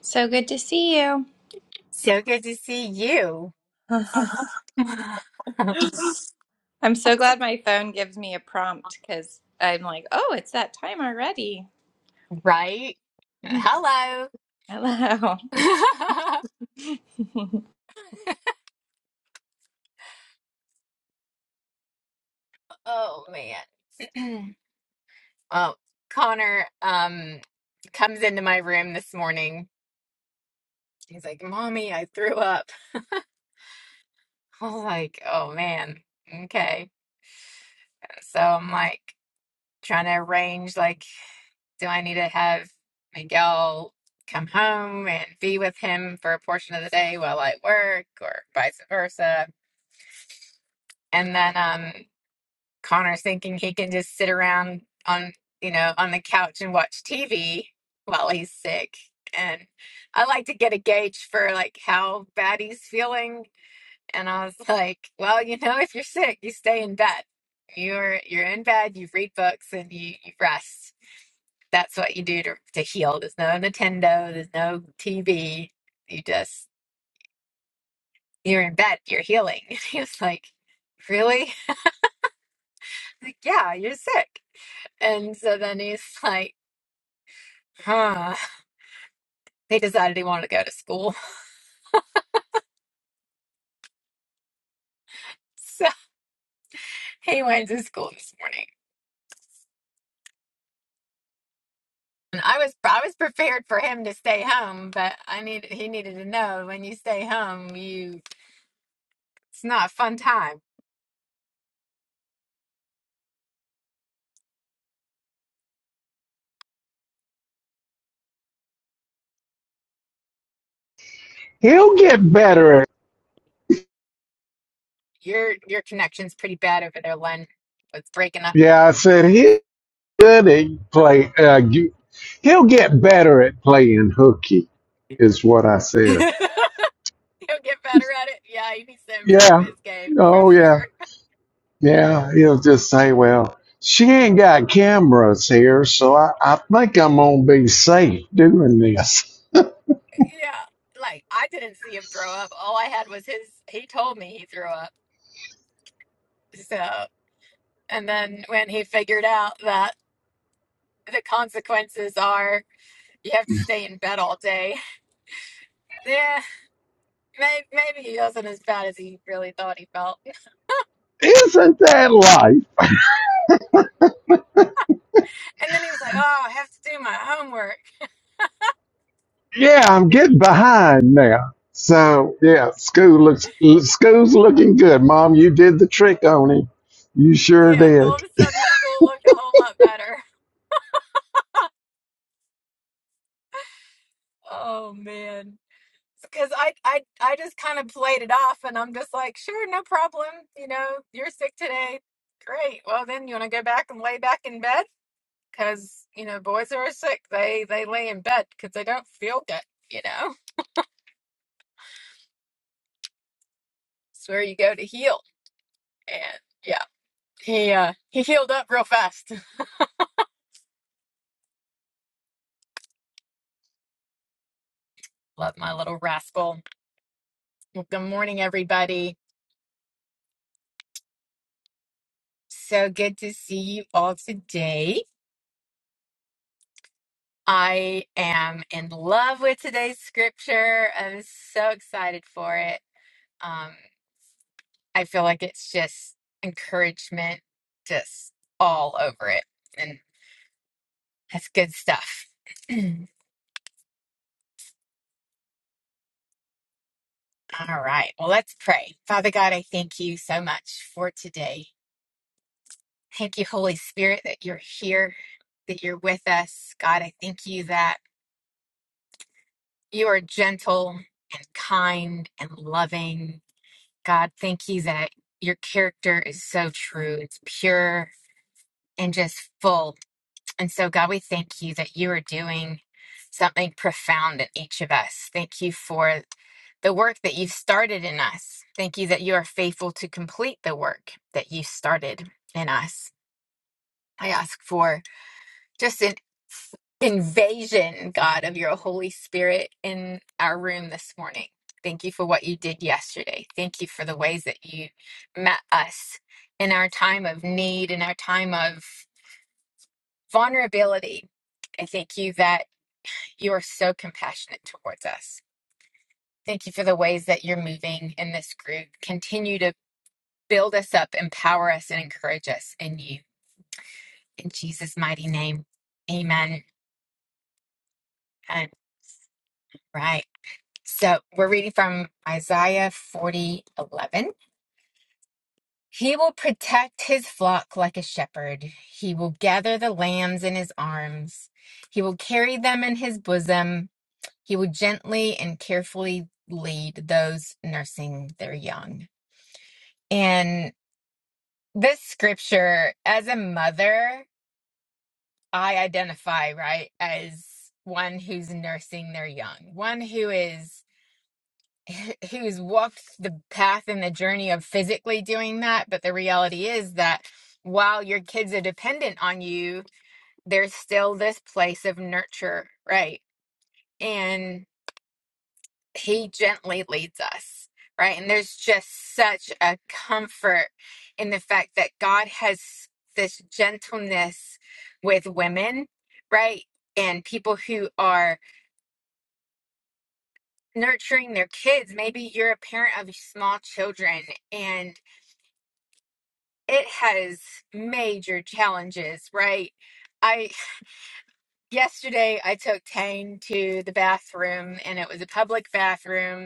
So good to see you. So good to see you. I'm so glad my phone gives me a prompt because I'm like, oh, it's that time already. right? Hello. Hello. oh man. well, Connor um comes into my room this morning. He's like, "Mommy, I threw up." I was like, "Oh man." Okay. So I'm like trying to arrange like do I need to have Miguel come home and be with him for a portion of the day while I work or vice versa? And then um, Connor's thinking he can just sit around on, you know, on the couch and watch TV while he's sick. And I like to get a gauge for like how bad he's feeling. And I was like, well, you know, if you're sick, you stay in bed. You're you're in bed, you read books and you, you rest. That's what you do to, to heal. There's no Nintendo, there's no TV. You just you're in bed, you're healing. And he was like, Really? Like, yeah, you're sick. And so then he's like, huh. He decided he wanted to go to school. So he went to school this morning. And I was I was prepared for him to stay home, but I needed he needed to know when you stay home, you it's not a fun time. He'll get better. At, Your your connection's pretty bad over there, Len. It's breaking up. yeah, I said he's good at play. Uh, you- he'll get better at playing hooky, is what I He'll said. get better at it. Yeah, he needs to improve Yeah. his game for Oh yeah. sure. Yeah. He'll just say, well, she ain't got cameras here, so I, I think I'm gonna be safe doing this. Yeah. Like I didn't see him throw up. All I had was his he told me he threw up. So And then when he figured out that the consequences are you have to stay in bed all day. Yeah, maybe, maybe he wasn't as bad as he really thought he felt. Isn't that life? And then he was like, oh, I have to do my homework. Yeah, I'm getting behind now. So yeah, school looks school's looking good, Mom. You did the trick on him. You sure Yeah, all did. of a sudden school looked a whole lot better. Oh, man. Because I, I, I just kind of played it off and I'm just like, sure, no problem. You know, you're sick today. Great. Well, then you want to go back and lay back in bed? because you know boys who are sick they they lay in bed because they don't feel good you know it's where you go to heal and yeah he uh he healed up real fast love my little rascal Well, good morning everybody so good to see you all today i am in love with today's scripture i'm so excited for it um i feel like it's just encouragement just all over it and that's good stuff All right. Well, let's pray. Father God, I thank you so much for today. Thank you, Holy Spirit, that you're here, that you're with us. God, I thank you that you are gentle and kind and loving. God, thank you that your character is so true. It's pure and just full And so, God, we thank you that you are doing something profound in each of us. Thank you for the work that you've started in us. Thank you that you are faithful to complete the work that you started in us. I ask for just an invasion, God, of your Holy Spirit in our room this morning. Thank you for what you did yesterday. Thank you for the ways that you met us in our time of need, in our time of vulnerability. I thank you that. You are so compassionate towards us. Thank you for the ways that you're moving in this group. Continue to build us up, empower us, and encourage us in you. In Jesus' mighty name, amen. And right. So we're reading from Isaiah 40:11. He will protect his flock like a shepherd. He will gather the lambs in his arms. He will carry them in his bosom. He will gently and carefully lead those nursing their young. And this scripture, as a mother, I identify, right, as one who's nursing their young, one who is who's walked the path and the journey of physically doing that. But the reality is that while your kids are dependent on you, there's still this place of nurture, right? And. he gently leads us right and there's just such a comfort in the fact that god has this gentleness with women right and people who are nurturing their kids maybe you're a parent of small children and it has major challenges right i yesterday i took tane to the bathroom and it was a public bathroom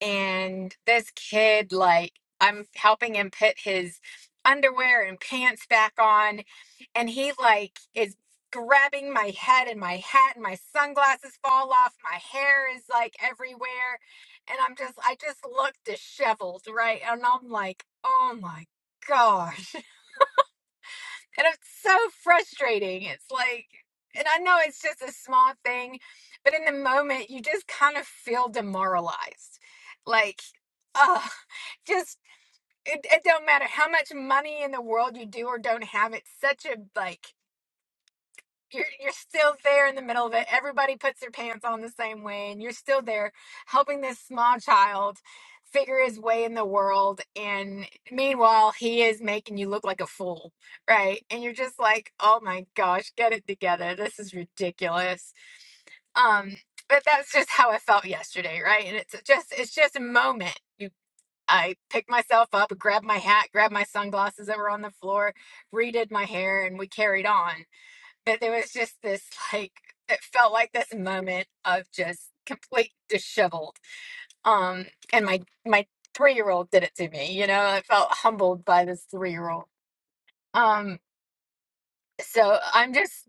and this kid like i'm helping him put his underwear and pants back on and he like is grabbing my head and my hat and my sunglasses fall off my hair is like everywhere and i'm just i just look disheveled right and i'm like oh my gosh and it's so frustrating it's like and i know it's just a small thing but in the moment you just kind of feel demoralized like uh, just it, it don't matter how much money in the world you do or don't have it's such a like you're you're still there in the middle of it everybody puts their pants on the same way and you're still there helping this small child figure his way in the world and meanwhile he is making you look like a fool right and you're just like oh my gosh get it together this is ridiculous um but that's just how i felt yesterday right and it's just it's just a moment I picked myself up, grabbed my hat, grabbed my sunglasses that were on the floor, redid my hair, and we carried on. But there was just this like it felt like this moment of just complete disheveled. Um, and my my three year old did it to me. You know, I felt humbled by this three year old. Um, so I'm just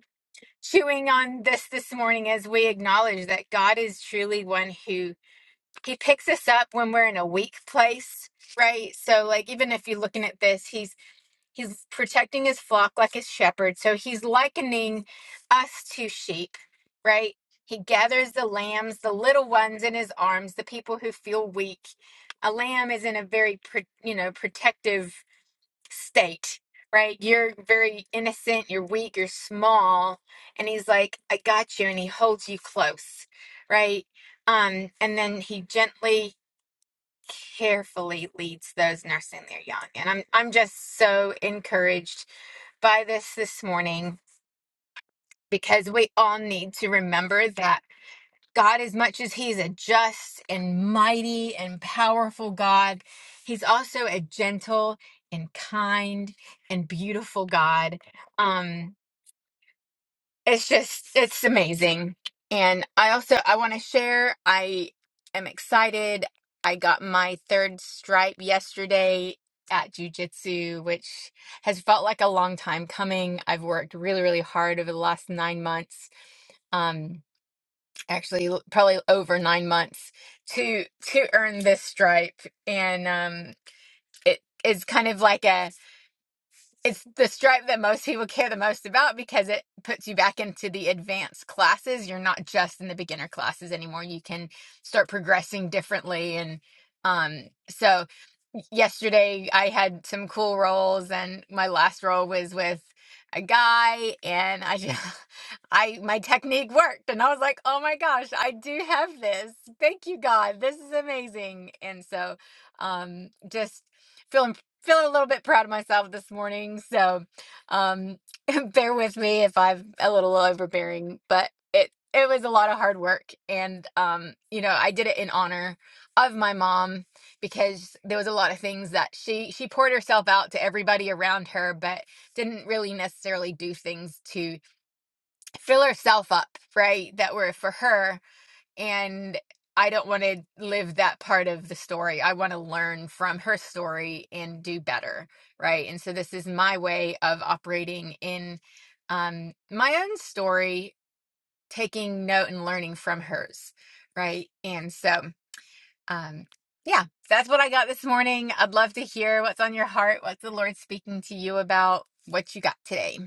chewing on this this morning as we acknowledge that God is truly one who he picks us up when we're in a weak place right? So, like, even if you're looking at this, he's He's protecting his flock like a shepherd. So he's likening us to sheep, right? He gathers the lambs, the little ones in his arms, the people who feel weak. A lamb is in a very, you know, protective state, right? You're very innocent, you're weak, you're small. And he's like, I got you. And he holds you close, right? Um, and then he gently carefully leads those nursing their young. And I'm I'm just so encouraged by this this morning because we all need to remember that God, as much as He's a just and mighty and powerful God, He's also a gentle and kind and beautiful God. Um, it's just it's amazing and i also i want to share i am excited i got my third stripe yesterday at jujitsu, which has felt like a long time coming i've worked really really hard over the last nine months um actually l- probably over nine months to to earn this stripe and um it is kind of like a it's the stripe that most people care the most about because it puts you back into the advanced classes. You're not just in the beginner classes anymore. You can start progressing differently. And um, so yesterday I had some cool roles and my last role was with a guy and I just I my technique worked and I was like, "Oh my gosh, I do have this. Thank you God. This is amazing." And so um just feeling feeling a little bit proud of myself this morning. So um bear with me if I'm a little overbearing, but it it was a lot of hard work and um you know, I did it in honor of my mom because there was a lot of things that she she poured herself out to everybody around her but didn't really necessarily do things to fill herself up, right? That were for her and I don't want to live that part of the story. I want to learn from her story and do better, right? And so this is my way of operating in um my own story, taking note and learning from hers, right? And so um yeah, that's what I got this morning. I'd love to hear what's on your heart, what's the Lord speaking to you about, what you got today.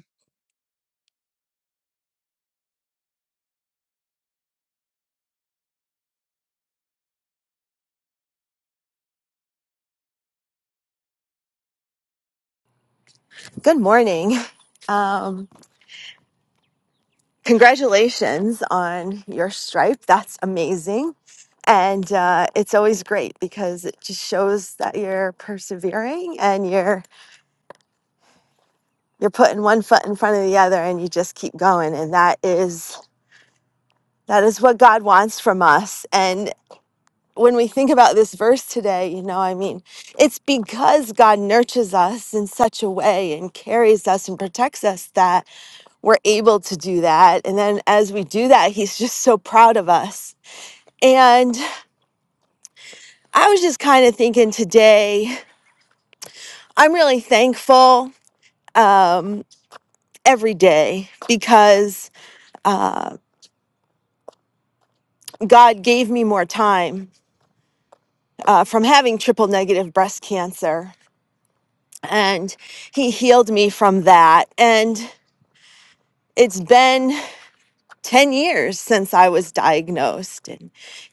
Good morning. Um, congratulations on your stripe. That's amazing. And uh, it's always great because it just shows that you're persevering and you're you're putting one foot in front of the other and you just keep going. And that is that is what God wants from us. And when we think about this verse today, you know, I mean, it's because God nurtures us in such a way and carries us and protects us we're able to do that. And then as we do that, he's just so proud of us. And I was just kind of thinking today, I'm really thankful um, every day because uh, God gave me more time uh, from having triple negative breast cancer. And he healed me from that. And it's been 10 years since I was diagnosed and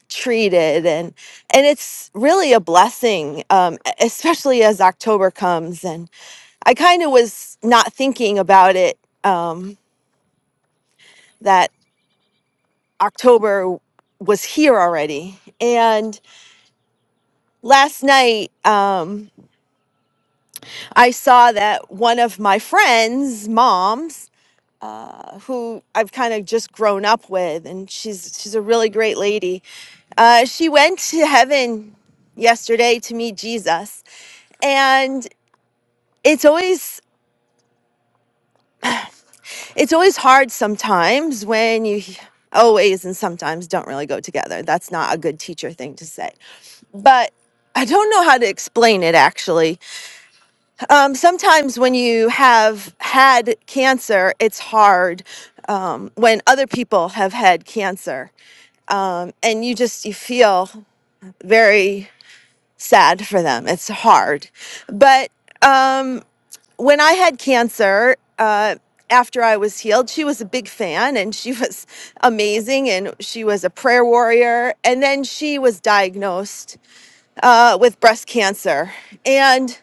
treated and and it's really a blessing um, e- especially as October comes and I kind of was not thinking about it um, that October was here already and last night um, I saw that one of my friends moms uh, who I've kind of just grown up with, and she's she's a really great lady. Uh, she went to heaven yesterday to meet Jesus, and it's always it's always hard sometimes when you always and sometimes don't really go together. That's not a good teacher thing to say, but. I don't know how to explain it actually. Um, sometimes when you have had cancer, it's hard um, when other people have had cancer and you just you feel very sad for them it's hard but um when i had cancer uh after i was healed she was a big fan and she was amazing and she was a prayer warrior and then she was diagnosed uh, with breast cancer and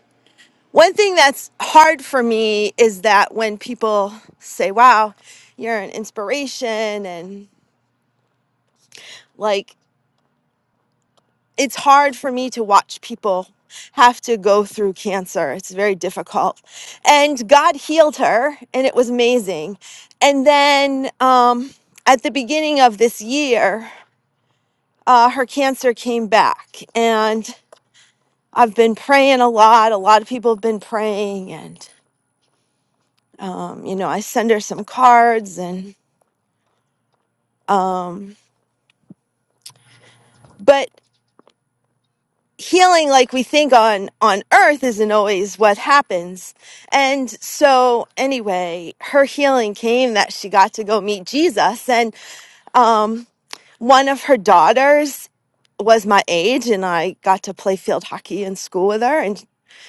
one thing that's hard for me is that when people say wow you're an inspiration and like it's hard for me to watch people have to go through cancer. It's very difficult. And God healed her, and it was amazing. And then um, at the beginning of this year, uh, her cancer came back. And I've been praying a lot. A lot of people have been praying. And, um, you know, I send her some cards and. but. healing like we think on on earth isn't always what happens and so anyway her healing came that she got to go meet jesus and um one of her daughters was my age and i got to play field hockey in school with her and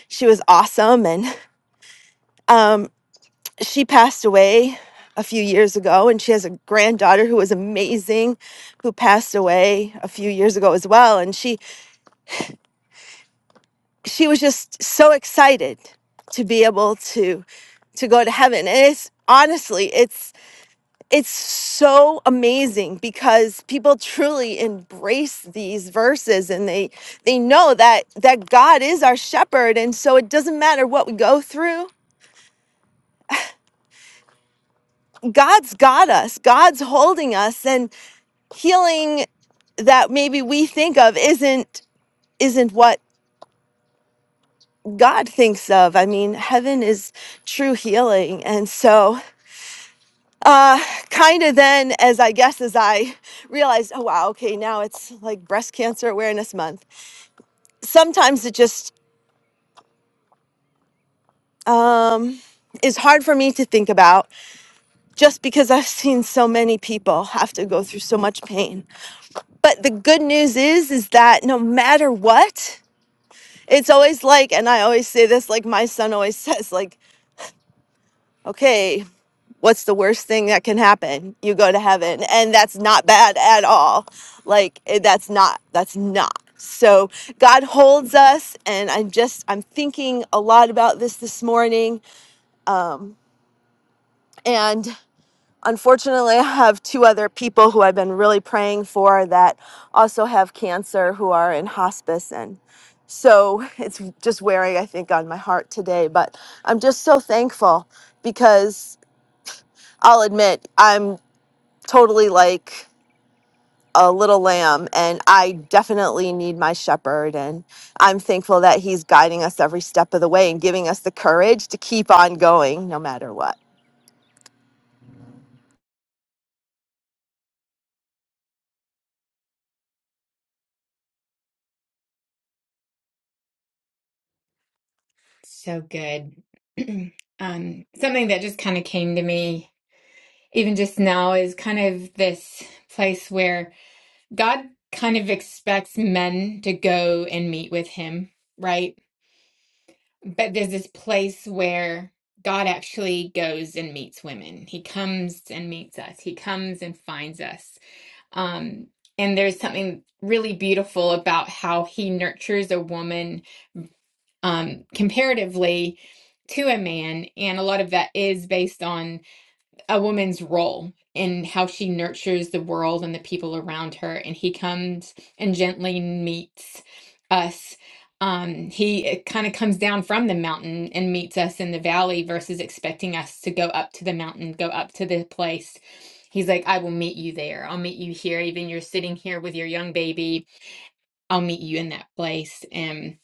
she was awesome and um she passed away a few years ago and she has a granddaughter who was amazing who passed away a few years ago as well and she she was just so excited to be able to to go to heaven and it's honestly it's it's so amazing because people truly embrace these verses and they they know that that God is our shepherd and so it doesn't matter what we go through God's got us God's holding us and healing that maybe we think of isn't isn't what God thinks of I mean heaven is true healing and so uh kind of then as i guess as i realized oh wow okay now it's like breast cancer awareness month sometimes it just um is hard for me to think about just because i've seen so many people have to go through so much pain but the good news is is that no matter what it's always like and i always say this like my son always says like okay what's the worst thing that can happen? You go to heaven. And that's not bad at all. Like eh, that's not that's not. So God holds us and I'm just I'm thinking a lot about this this morning and unfortunately I have two other people who I've been really praying for that also have cancer who are in hospice and so it's just wearing I think on my heart today but I'm just so thankful because I'll admit I'm totally like a little lamb and I definitely need my shepherd and I'm thankful that he's guiding us every step of the way and giving us the courage to keep on going no matter what. So good. um something that just kind of came to me even just now is kind of this place where God kind of expects men to go and meet with him, right? But there's this place where God actually goes and meets women. He comes and meets us. He comes and finds us. Um, and there's something really beautiful about how he nurtures a woman um, comparatively to a man. And a lot of that is based on a woman's role in how she nurtures the world and the people around her. And he comes and gently meets us. Um, he kind of comes down from the mountain and meets us in the valley versus expecting us to go up to the mountain, go up to the place. He's like, I will meet you there. I'll meet you here. Even you're sitting here with your young baby. I'll meet you in that place. And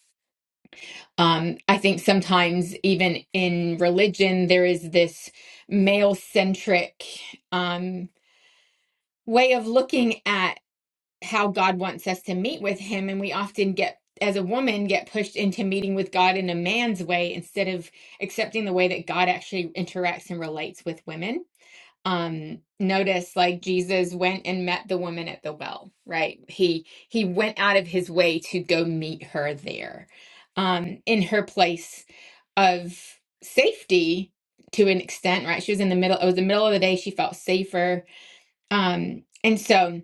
um, I think sometimes, even in religion, there is this male centric. Um, way of looking at how God wants us to meet with him and we often get as a woman get pushed into meeting with God in a man's way instead of accepting the way that God actually interacts and relates with women. Um notice like Jesus went and met the woman at the well, right? He he went out of his way to go meet her there. Um in her place of safety to an extent, right? She was in the middle it was the middle of the day, she felt safer. Um and so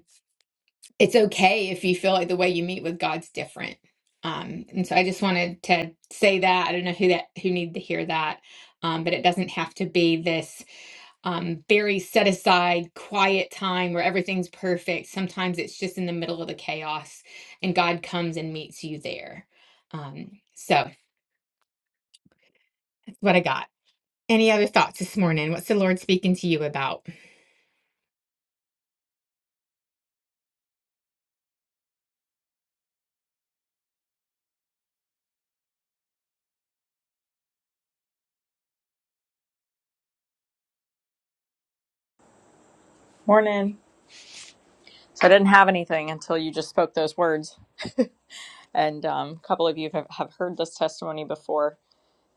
it's okay if you feel like the way you meet with God's different. Um, and so I just wanted to say that. I don't know who that who needed to hear that, um, but it doesn't have to be this um, very set aside, quiet time where everything's perfect. Sometimes it's just in the middle of the chaos, and God comes and meets you there. Um, so that's what I got. Any other thoughts this morning? What's the Lord speaking to you about? Morning. So I didn't have anything until you just spoke those words. And um, a couple of you have, have heard this testimony before,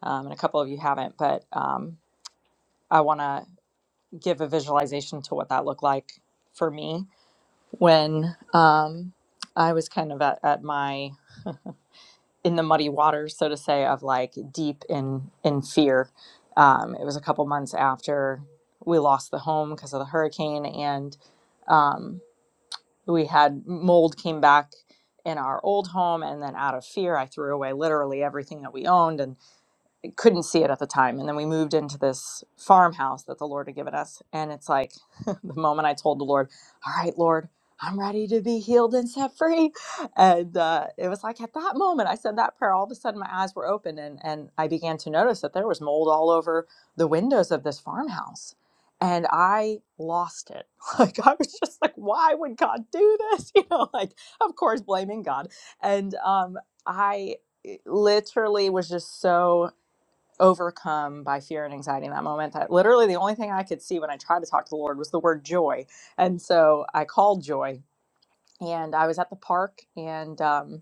um, and a couple of you haven't. But um, I want to give a visualization to what that looked like for me when um, I was kind of at, at my in the muddy waters, so to say, of like deep in in fear. Um, it was a couple months after we lost the home because of the hurricane, and um, we had mold came back in our old home and then out of fear i threw away literally everything that we owned and couldn't see it at the time. And then we moved into this farmhouse that the Lord had given us. And it's like the moment I told the Lord, All right, Lord, I'm ready to be healed and set free. And uh, it was like at that moment I said that prayer, all of a sudden my eyes were open and, and I began to notice that there was mold all over the windows of this farmhouse. And I lost it. Like, I was just like, why would God do this? You know, like, of course, blaming God. And um, I literally was just so overcome by fear and anxiety in that moment that literally the only thing i could see when i tried to talk to the lord was the word joy and so i called joy and i was at the park and um,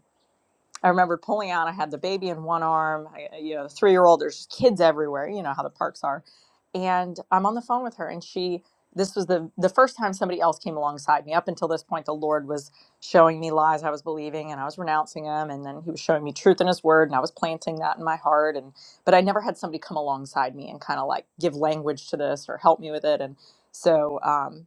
I remember pulling out. I had the baby in one arm, I, you know, three year old. There's kids everywhere. You know how the parks are. And I'm on the phone with her, and she. This was the the first time somebody else came alongside me. Up until this point, the Lord was showing me lies I was believing, and I was renouncing them, and then He was showing me truth in His Word, and I was planting that in my heart. And but I never had somebody come alongside me and kind of like give language to this or help me with it. And so. Um,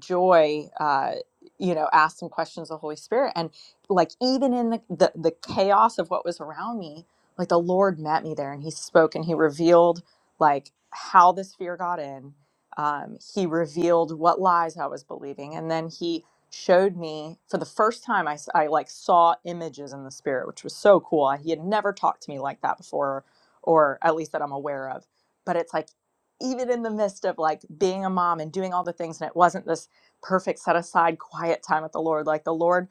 joy uh you know asked some questions of the holy spirit and like even in the, the the chaos of what was around me like the lord met me there and he spoke and he revealed like how this fear got in um he revealed what lies i was believing and then he showed me for the first time i, s- I, like saw images in the spirit which was so cool he had never talked to me like that before or at least that i'm aware of but it's like even in the midst of like being a mom and doing all the things and it wasn't this perfect set aside quiet time with the Lord. Like the Lord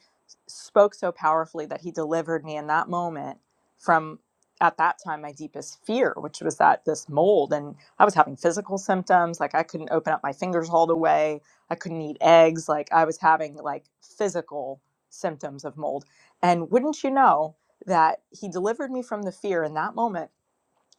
spoke so powerfully that he delivered me in that moment from at that time my deepest fear, which was that this mold and I was having physical symptoms, like I couldn't open up my fingers all the way, I couldn't eat eggs, like I was having like physical symptoms of mold. And wouldn't you know that he delivered me from the fear in that moment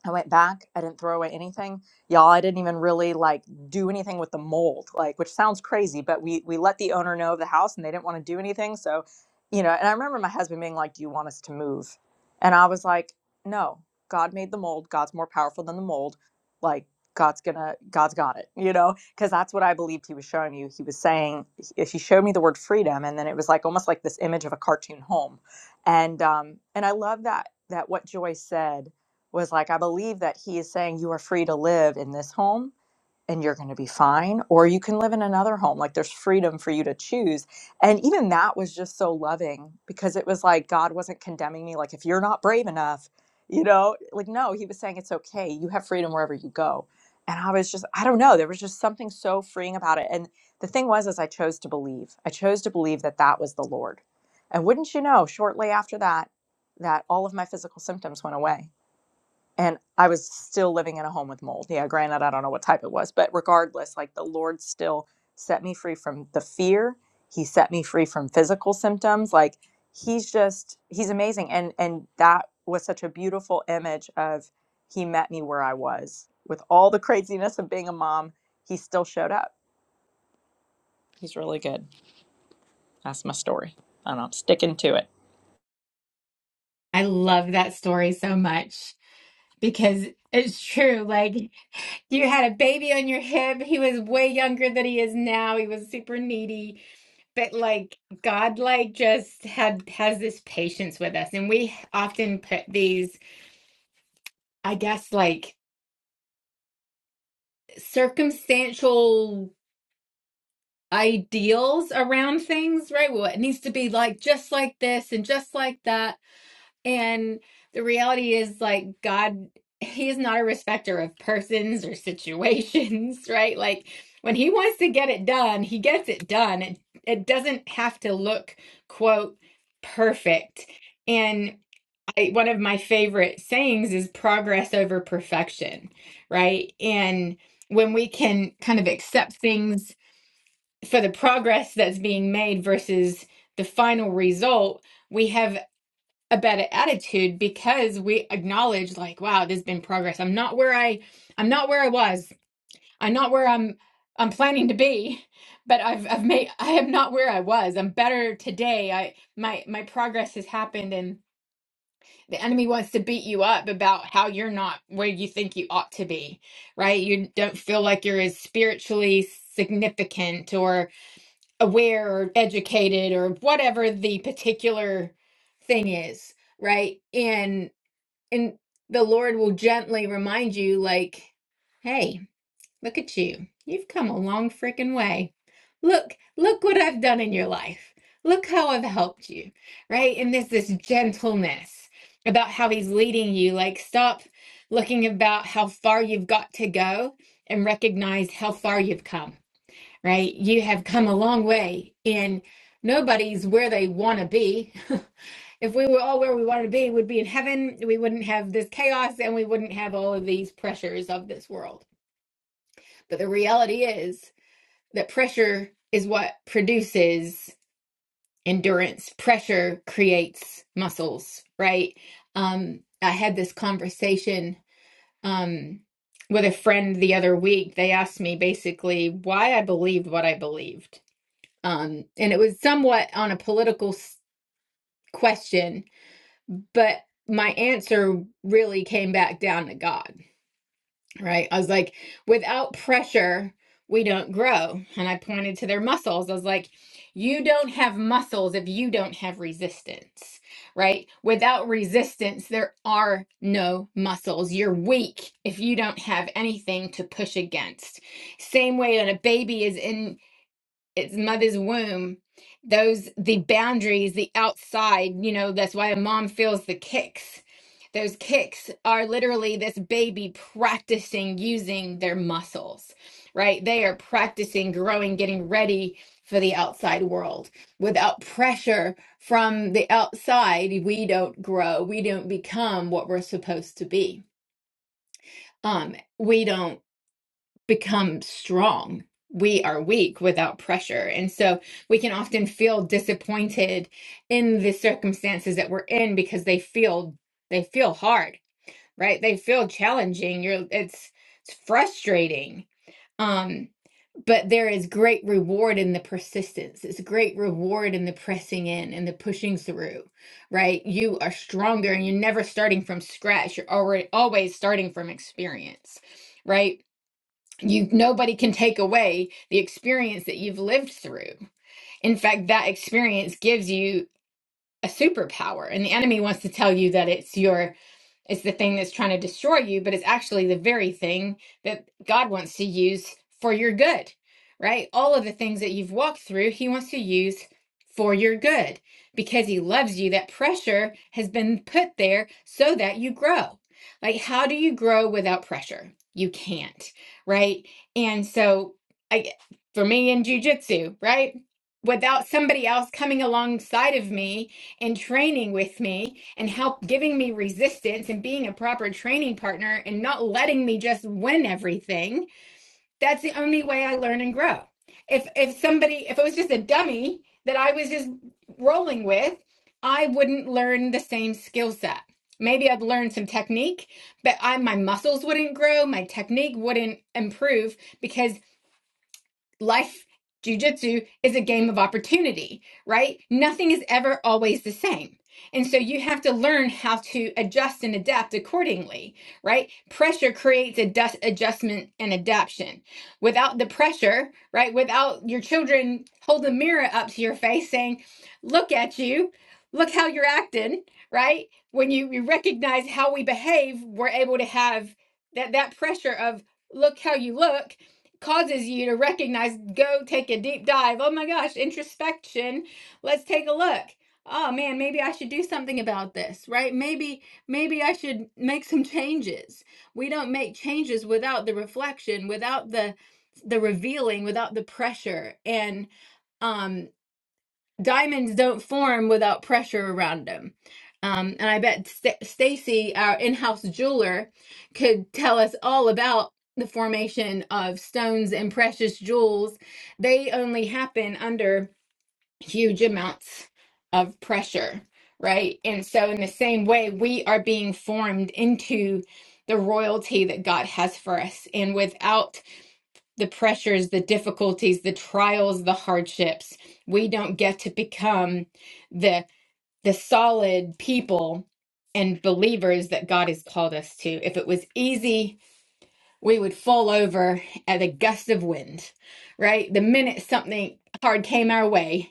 I went back. I didn't throw away anything. Y'all, I didn't even really like do anything with the mold, like which sounds crazy, but we we let the owner know of the house and they didn't want to do anything. So, you know, and I remember my husband being like, "Do you want us to move?" And I was like, "No. God made the mold. God's more powerful than the mold. Like God's gonna God's got it, you know, because that's what I believed he was showing you. He was saying he he showed me the word freedom, and then it was like almost like this image of a cartoon home, and um and I love that that what Joy said was like, I believe that he is saying you are free to live in this home and you're going to be fine, or you can live in another home. Like there's freedom for you to choose. And even that was just so loving because it was like God wasn't condemning me, like, if you're not brave enough, you know, like, no, he was saying it's okay. You have freedom wherever you go. And I was just, I don't know, there was just something so freeing about it. And the thing was, is I chose to believe. I chose to believe that that was the Lord. And wouldn't you know, shortly after that, that all of my physical symptoms went away and I was still living in a home with mold. Yeah, granted, I don't know what type it was, but regardless, like the Lord still set me free from the fear. He set me free from physical symptoms. Like he's just he's amazing, and and that was such a beautiful image of he met me where I was with all the craziness of being a mom. He still showed up. He's really good. That's my story, and I'm sticking to it. I love that story so much because it's true. Like you had a baby on your hip. He was way younger than he is now. He was super needy, but like God, like just had has this patience with us, and we often put these, I guess, like circumstantial ideals around things, right? Well, it needs to be like just like this and just like that And the reality is, like, God, He is not a respecter of persons or situations, right? Like, when He wants to get it done, He gets it done. It, it doesn't have to look, quote, perfect. And I, one of my favorite sayings is progress over perfection, right? And when we can kind of accept things for the progress that's being made versus the final result, we have a better attitude because we acknowledge like wow there's been progress i'm not where i i'm not where i was i'm not where i'm i'm planning to be but i've i've made i am not where i was i'm better today i my my progress has happened and the enemy wants to beat you up about how you're not where you think you ought to be right you don't feel like you're as spiritually significant or aware or educated or whatever the particular thing is right? And and the Lord will gently remind you, like, hey, look at you. You've come a long freaking way. Look, look what I've done in your life. Look how I've helped you, right? And there's this gentleness about how he's leading you. Like, stop looking about how far you've got to go and recognize how far you've come, right? You have come a long way, and nobody's where they want to be. if we were all where we wanted to be, we'd be in heaven. We wouldn't have this chaos and we wouldn't have all of these pressures of this world. But the reality is that pressure is what produces endurance. Pressure creates muscles, right? Um, I had this conversation um, with a friend the other week. They asked me basically why I believed what I believed. Um, and it was somewhat on a political s- question But my answer really came back down to God, right? I was like, without pressure, we don't grow. And I pointed to their muscles. I was like, you don't have muscles if you don't have resistance, right? Without resistance, there are no muscles. You're weak if you don't have anything to push against. Same way when a baby is in its mother's womb those the boundaries the outside you know that's why a mom feels the kicks those kicks are literally this baby practicing using their muscles right they are practicing growing getting ready for the outside world without pressure from the outside we don't grow we don't become what we're supposed to be um we don't become strong. We are weak without pressure. And so we can often feel disappointed in the circumstances that we're in because they feel they feel hard, right? They feel challenging. You're it's it's frustrating. Um but there is great reward in the persistence. It's great reward in the pressing in and the pushing through, right? You are stronger and you're never starting from scratch. You're already always starting from experience, right? you nobody can take away the experience that you've lived through in fact that experience gives you a superpower and the enemy wants to tell you that it's your it's the thing that's trying to destroy you, but it's actually the very thing that God wants to use for your good, right? All of the things that you've walked through, He wants to use for your good because He loves you. That pressure has been put there so that you grow. Like, how do you grow without pressure? You can't, right? And so, I, for me in jujitsu, right? Without somebody else coming alongside of me and training with me and help giving me resistance and being a proper training partner and not letting me just win everything that's the only way i learn and grow if if somebody if it was just a dummy that i was just rolling with i wouldn't learn the same skill set maybe i'd learn some technique but i my muscles wouldn't grow my technique wouldn't improve because life jujitsu is a game of opportunity, right? Nothing is ever always the same. And so you have to learn how to adjust and adapt accordingly, right? Pressure creates a dust adjustment and adaption. Without the pressure, right? Without your children holding a mirror up to your face saying, "Look at you. Look how you're acting," right? When you, you recognize how we behave, we're able to have that that pressure of, "Look how you look." causes you to recognize, go take a deep dive. Oh my gosh, introspection. Let's take a look. Oh man, maybe I should do something about this, right? Maybe maybe I should make some changes. We don't make changes without the reflection, without the the revealing, without the pressure. And um diamonds don't form without pressure around them. Um, and I bet St- Stacy, our in-house jeweler, could tell us all about the formation of stones and precious jewels. They only happen under huge amounts of pressure, right? And so, in the same way, we are being formed into the royalty that God has for us. And without the pressures, the difficulties, the trials, the hardships. We don't get to become the the solid people and believers that God has called us to. If it was easy, we would fall over at a gust of wind, right? The minute something hard came our way,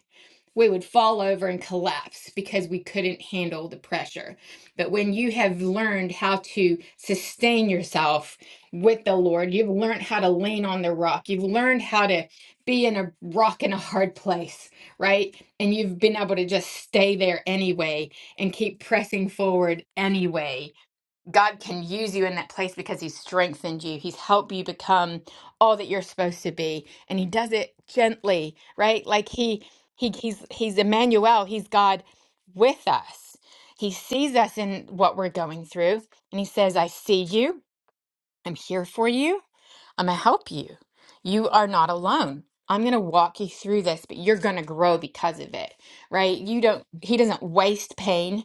we would fall over and collapse because we couldn't handle the pressure. But when you have learned how to sustain yourself with the Lord, you've learned how to lean on the rock, you've learned how to be in a rock in a hard place, right? And you've been able to just stay there anyway and keep pressing forward anyway God can use you in that place because He's strengthened you. He's helped you become all that you're supposed to be, and He does it gently, right? Like He He He's He's Emmanuel. He's God with us. He sees us in what we're going through, and He says, "I see you. I'm here for you. I'm gonna help you. You are not alone." I'm going to walk you through this, but you're going to grow because of it, right? You don't, he doesn't waste pain.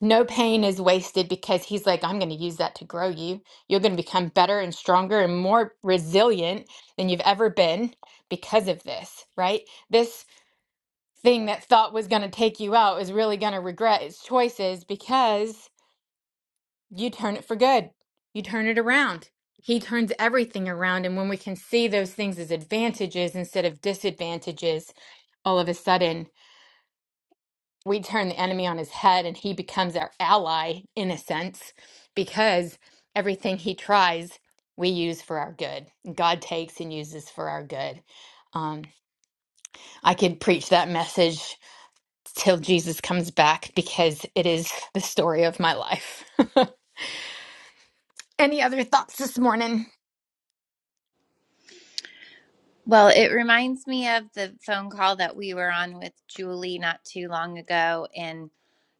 No pain is wasted because he's like, I'm going to use that to grow you. You're going to become better and stronger and more resilient than you've ever been because of this, right? This thing that thought was going to take you out is really going to regret its choices because you turn it for good. You turn it around. He turns everything around. And when we can see those things as advantages instead of disadvantages, all of a sudden we turn the enemy on his head and he becomes our ally in a sense because everything he tries we use for our good god takes and uses for our good um, i could preach that message till jesus comes back because it is the story of my life any other thoughts this morning well, it reminds me of the phone call that we were on with Julie not too long ago and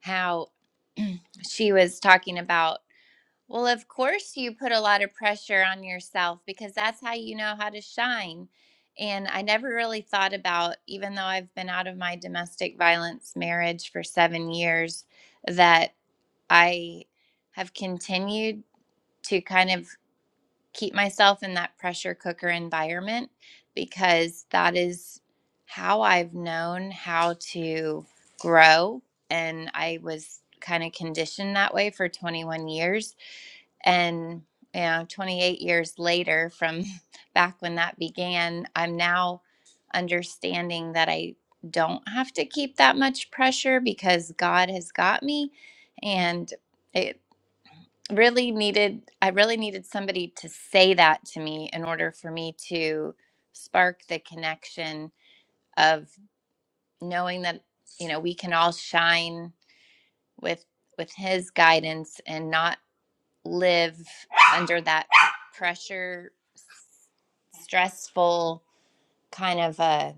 how she was talking about, well, of course you put a lot of pressure on yourself because that's how you know how to shine. And I never really thought about, even though I've been out of my domestic violence marriage for seven years, that I have continued to kind of keep myself in that pressure cooker environment because that is how I've known how to grow. And I was kind of conditioned that way for 21 years. And, you know, 28 years later, from back when that began, I'm now understanding that I don't have to keep that much pressure because God has got me. And it really needed i really needed somebody to say that to me in order for me to spark the connection of knowing that you know we can all shine with with his guidance and not live under that pressure stressful kind of a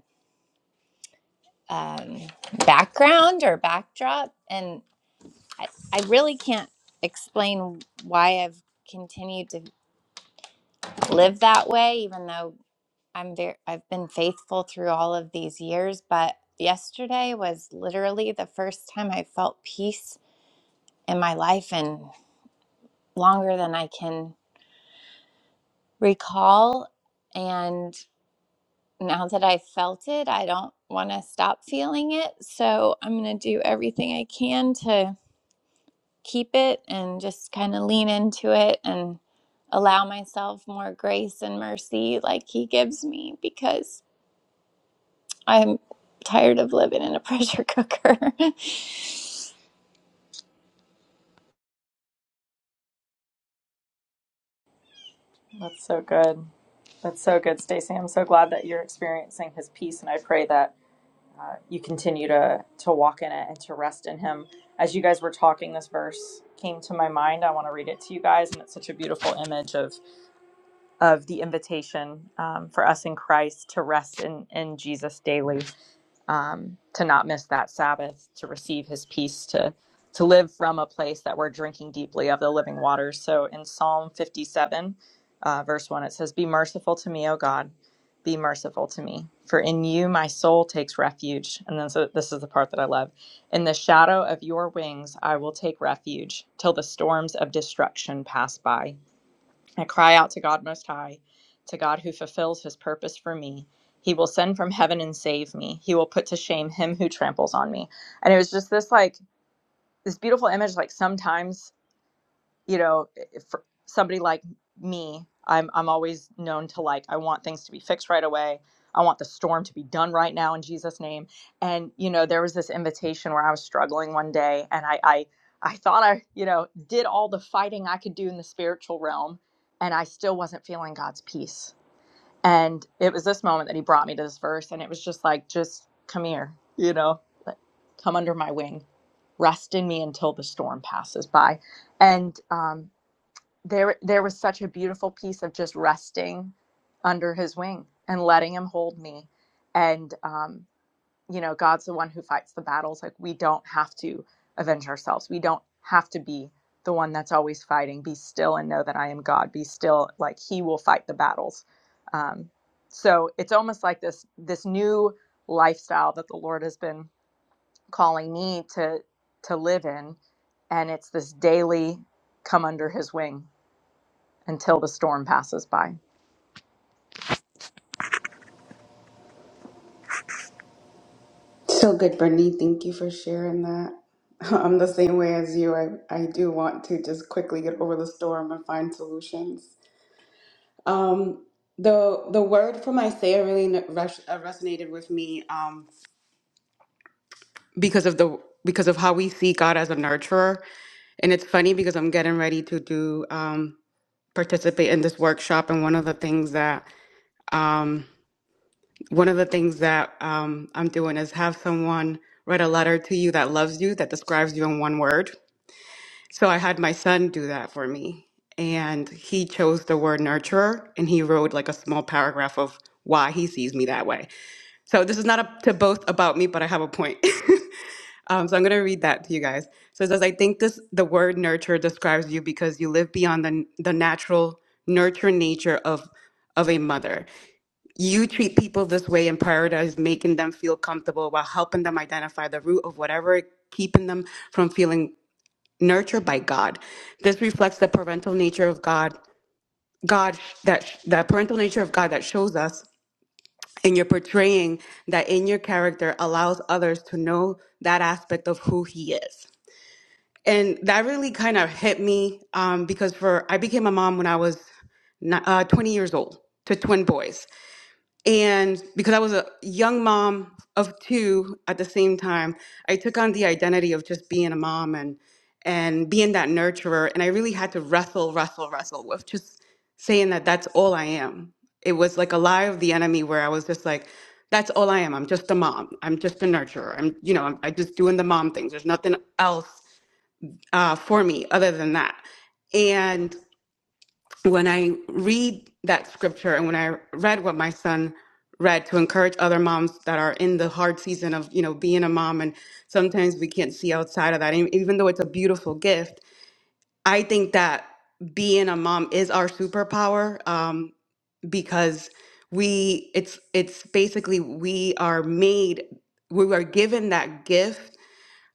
um, background or backdrop and I, I really can't explain why i've continued to live that way even though I'm very, I've been faithful through all of these years, but yesterday was literally the first time I felt peace in my life and longer than I can recall. And now that I felt it, I don't want to stop feeling it. So I'm going to do everything I can to keep it and just kind of lean into it and allow myself more grace and mercy like he gives me because. I'm tired of living in a pressure cooker. That's so good. That's so good, Stacey. I'm so glad that you're experiencing his peace, and I pray that you continue to to walk in it and to rest in him as you guys were talking this verse came to my mind i want to read it to you guys and it's such a beautiful image of of the invitation um, for us in christ to rest in in jesus daily um, to not miss that Sabbath, to receive his peace, to to live from a place that we're drinking deeply of the living waters. So in Psalm 57, uh, verse 1, it says, Be merciful to me, O God, be merciful to me, for in you my soul takes refuge. And then so this is the part that I love. In the shadow of your wings I will take refuge till the storms of destruction pass by. I cry out to God Most High, to God who fulfills his purpose for me. He will send from heaven and save me. He will put to shame him who tramples on me. And it was just this like this beautiful image like sometimes you know, for somebody like me, I'm I'm always known to like I want things to be fixed right away. I want the storm to be done right now in Jesus name. And you know, there was this invitation where I was struggling one day and I I I thought I, you know, did all the fighting I could do in the spiritual realm and I still wasn't feeling God's peace. And it was this moment that he brought me to this verse and it was just like just come here, you know, like, come under my wing. Rest in me until the storm passes by. And um there there was such a beautiful piece of just resting under his wing and letting him hold me and um you know god's the one who fights the battles like we don't have to avenge ourselves we don't have to be the one that's always fighting be still and know that i am god be still like he will fight the battles um so it's almost like this this new lifestyle that the lord has been calling me to to live in and it's this daily come under his wing until the storm passes by. So good, Brittany. Thank you for sharing that. I'm the same way as you. I, I do want to just quickly get over the storm and find solutions. Um, the the word from Isaiah really n- res- uh, resonated with me um, because of the because of how we see God as a nurturer. And it's funny because I'm getting ready to do um, participate in this workshop, and one of the things that um, one of the things that um, I'm doing is have someone write a letter to you that loves you that describes you in one word So I had my son do that for me. And he chose the word nurturer and he wrote like a small paragraph of why he sees me that way. So this is not up to both about me, but I have a point. um, so I'm going to read that to you guys. So it says, I think this the word nurture describes you because you live beyond the, the natural nurture nature of of a mother. You treat people this way and prioritize making them feel comfortable while helping them identify the root of whatever keeping them from feeling nurtured by God. This reflects the parental nature of God. God that the parental nature of God that shows us in your portraying that in your character allows others to know that aspect of who He is. And that really kind of hit me um, because for I became a mom when I was ni- uh, 20 years old to twin boys. And because I was a young mom of two at the same time, I took on the identity of just being a mom and and being that nurturer. And I really had to wrestle, wrestle, wrestle with just saying that that's all I am. It was like a lie of the enemy where I was just like, that's all I am. I'm just a mom. I'm just a nurturer. I'm, you know, I'm, I'm just doing the mom things. There's nothing else uh, for me other than that. And when I read that scripture and when I read what my son read to encourage other moms that are in the hard season of, you know, being a mom and sometimes we can't see outside of that, and even though it's a beautiful gift, I think that being a mom is our superpower um, because we it's it's basically we are made we are given that gift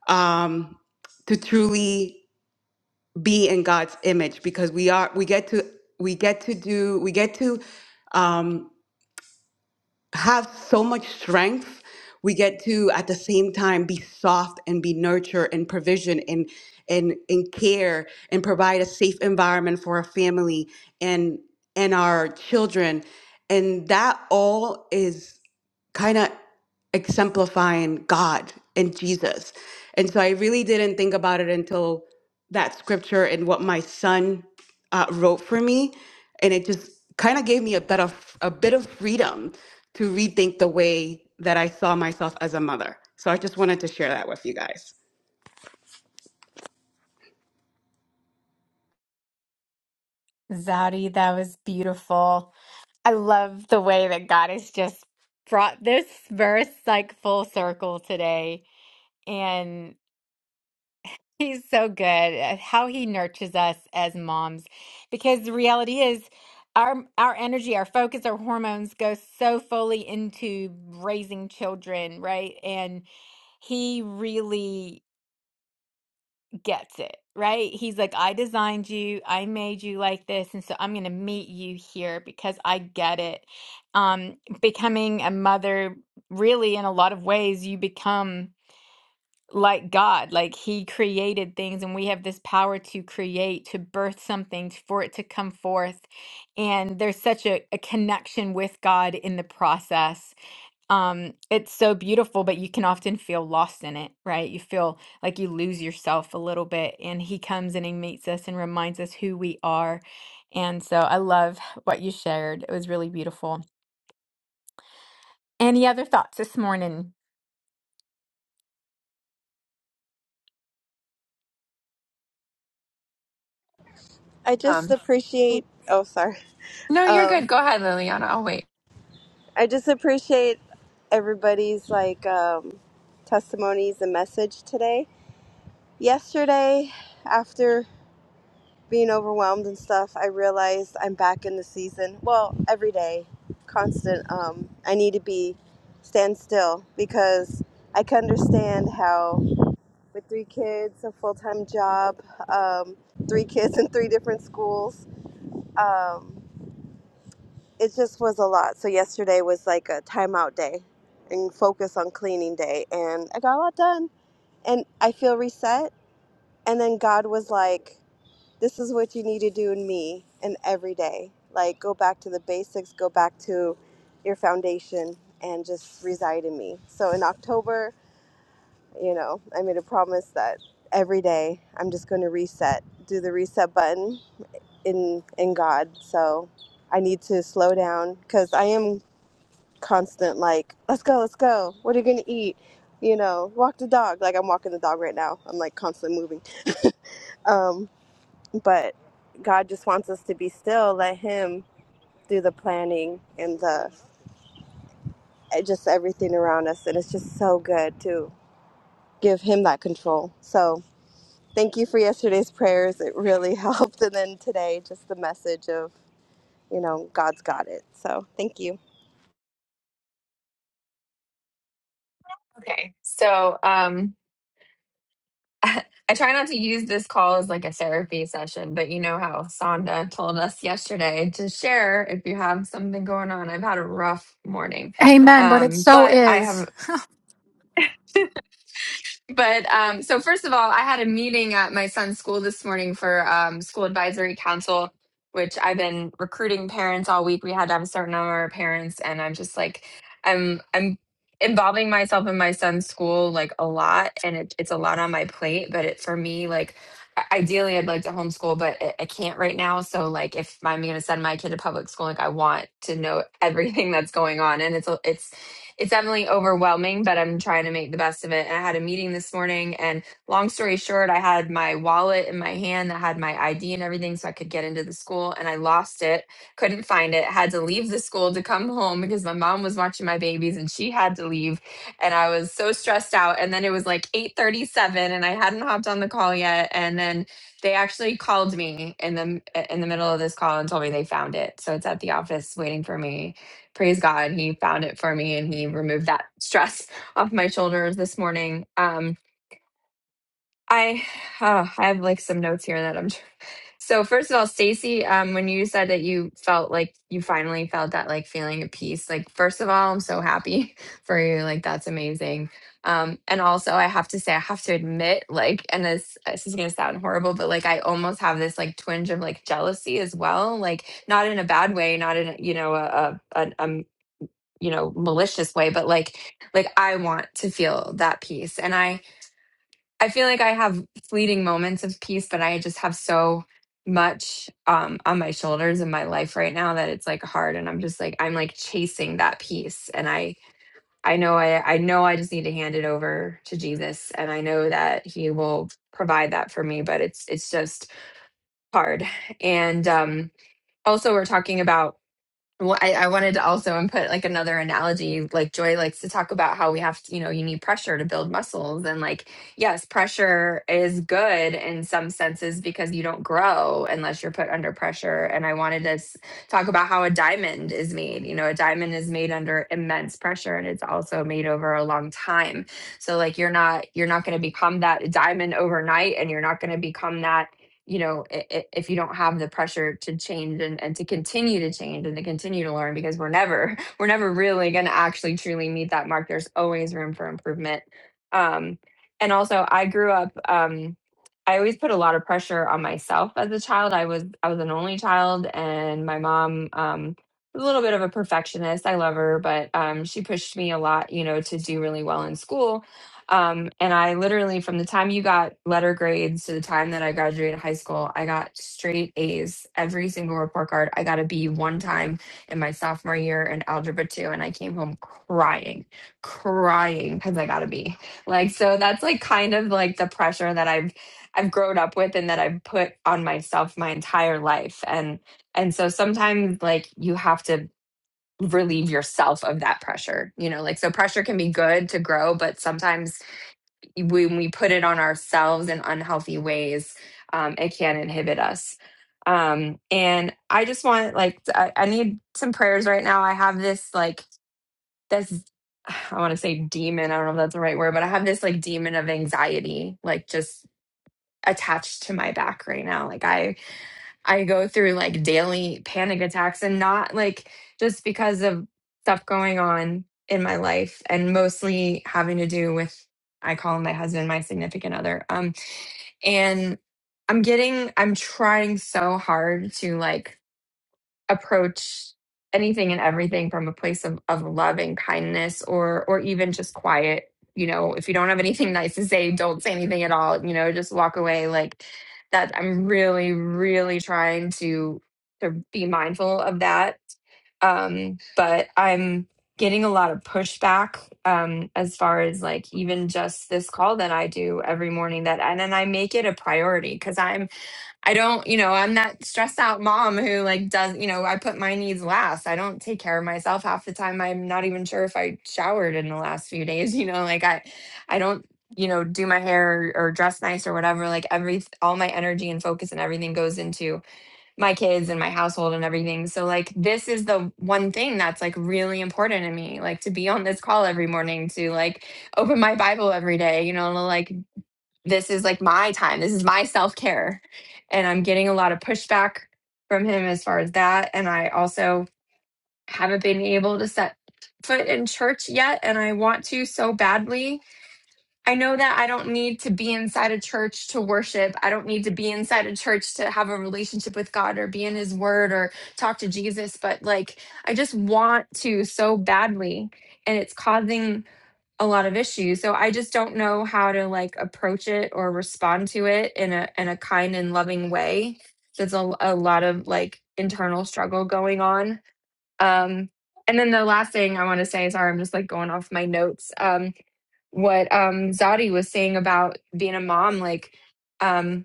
um, to truly be in God's image because we are we get to we get to do we get to um, have so much strength. We get to at the same time be soft and be nurture and provision and and and care and provide a safe environment for our family and and our children and that all is kind of exemplifying God and Jesus. And so I really didn't think about it until that scripture and what my son uh, wrote for me, and it just kind of gave me a bit of a bit of freedom to rethink the way that I saw myself as a mother. So I just wanted to share that with you guys. Zadi, that was beautiful. I love the way that God has just brought this verse like full circle today. And He's so good at how he nurtures us as moms because the reality is our our energy, our focus, our hormones go so fully into raising children, right? And he really gets it, right? He's like, I designed you, I made you like this, and so I'm going to meet you here because I get it. Um, becoming a mother, really, in a lot of ways, you become like God, like He created things, and we have this power to create, to birth something, t- for it to come forth. And there's such a, a connection with God in the process. Um, it's so beautiful, but you can often feel lost in it, right? You feel like you lose yourself a little bit, and He comes and He meets us and reminds us who we are. And so I love what you shared. It was really beautiful. Any other thoughts this morning? I just Um, appreciate. Oh, sorry. no, you're good. Um, Go ahead, Liliana. I'll wait. I just appreciate everybody's like um, testimonies and message today. Yesterday, after being overwhelmed and stuff, I realized I'm back in the season. Well, every day, constant. Um, I need to be stand still because I can understand how with three kids, a full time job, um, three kids in three different schools. Um, it just was a lot. So yesterday was like a timeout day and focus on cleaning day and I got a lot done and I feel reset and then God was like this is what you need to do in me and every day. Like go back to the basics, go back to your foundation and just reside in me. So in October, you know, I made a promise that every day I'm just going to reset, do the reset button in in God. So I need to slow down because I am constant like let's go let's go what are you gonna eat you know walk the dog like i'm walking the dog right now i'm like constantly moving um but god just wants us to be still let him do the planning and the eh, just everything around us and it's just so good to give him that control so thank you for yesterday's prayers it really helped and then today just the message of you know god's got it so thank you Okay. So, um, I try not to use this call as like a therapy session, but you know how Sonda told us yesterday to share if you have something going on. I've had a rough morning. Amen, but it Um, so but I have is. but um, so first of all, I had a meeting at my son's school this morning for um, school advisory council, which I've been recruiting parents all week. We had to have a certain number of parents, and I'm just like, I'm I'm involving myself in my son's school like a lot, and it, it's a lot on my plate. But it for me like. i- Ideally, I'd like to homeschool, but I I can't right now. So, like, if I'm going to send my kid to public school, like, I want to know everything that's going on, and it's a- it's it's definitely overwhelming, but I'm trying to make the best of it. And I had a meeting this morning, and long story short, I had my wallet in my hand that had my ID and everything so I could get into the school, and I lost it, couldn't find it, had to leave the school to come home because my mom was watching my babies and she had to leave. And I was so stressed out. And then it was like 837 and I hadn't hopped on the call yet. And then they actually called me in the in the middle of this call and told me they found it. So it's at the office waiting for me praise God, he found it for me and he removed that stress off my shoulders this morning. Um, I oh, I have like some notes here that I'm. tr- So first of all, Stacy, um, when you said that you felt like you finally felt that like feeling of peace, like first of all, I'm so happy for you. Like that's amazing. Um, and also, I have to say, I have to admit, like, and this this is gonna sound horrible, but like, I almost have this like twinge of like jealousy as well. Like, not in a bad way, not in a, you know a a, a, a you know malicious way but like like i want to feel that peace and i i feel like i have fleeting moments of peace but i just have so much um on my shoulders in my life right now that it's like hard and i'm just like i'm like chasing that peace and i i know i i know i just need to hand it over to jesus and i know that he will provide that for me but it's it's just hard and um also we're talking about well, I, I wanted to also input like another analogy. Like Joy likes to talk about how we have to, you know, you need pressure to build muscles. And like, yes, pressure is good in some senses because you don't grow unless you're put under pressure. And I wanted to s- talk about how a diamond is made. You know, a diamond is made under immense pressure and it's also made over a long time. So like you're not you're not going to become that diamond overnight and you're not going to become that you know, i- i- if you don't have the pressure to change and, and to continue to change and to continue to learn, because we're never, we're never really going to actually truly meet that mark. There's always room for improvement. Um, and also, I grew up, um, I always put a lot of pressure on myself as a child. I was, I was an only child, and my mom, um, was a little bit of a perfectionist. I love her, but um, she pushed me a lot, you know, to do really well in school um, and I literally, from the time you got letter grades to the time that I graduated high school, I got straight A's every single report card. I got a B one time in my sophomore year in algebra two, and I came home crying, crying because I got a B. Like, so that's like kind of like the pressure that I've I've grown up with and that I've put on myself my entire life. And and so sometimes like you have to relieve yourself of that pressure, you know, like so pressure can be good to grow, but sometimes when we put it on ourselves in unhealthy ways, um, it can inhibit us. Um, and I just want like I, I need some prayers right now. I have this like this I want to say demon. I don't know if that's the right word, but I have this like demon of anxiety, like just attached to my back right now. Like I I go through like daily panic attacks and not like just because of stuff going on in my life and mostly having to do with I call him my husband, my significant other. Um and I'm getting I'm trying so hard to like approach anything and everything from a place of, of love and kindness or or even just quiet you know if you don't have anything nice to say don't say anything at all you know just walk away like that i'm really really trying to to be mindful of that um but i'm getting a lot of pushback um as far as like even just this call that i do every morning that and then i make it a priority because i'm I don't, you know, I'm that stressed out mom who like does, you know, I put my needs last. I don't take care of myself half the time. I'm not even sure if I showered in the last few days, you know, like I I don't, you know, do my hair or, or dress nice or whatever. Like every all my energy and focus and everything goes into my kids and my household and everything. So like this is the one thing that's like really important to me, like to be on this call every morning, to like open my Bible every day, you know, to like this is like my time. This is my self care. And I'm getting a lot of pushback from him as far as that. And I also haven't been able to set foot in church yet. And I want to so badly. I know that I don't need to be inside a church to worship. I don't need to be inside a church to have a relationship with God or be in his word or talk to Jesus. But like, I just want to so badly. And it's causing a lot of issues. So I just don't know how to like approach it or respond to it in a in a kind and loving way. There's a, a lot of like internal struggle going on. Um and then the last thing I want to say, sorry, I'm just like going off my notes. Um what um Zadi was saying about being a mom, like um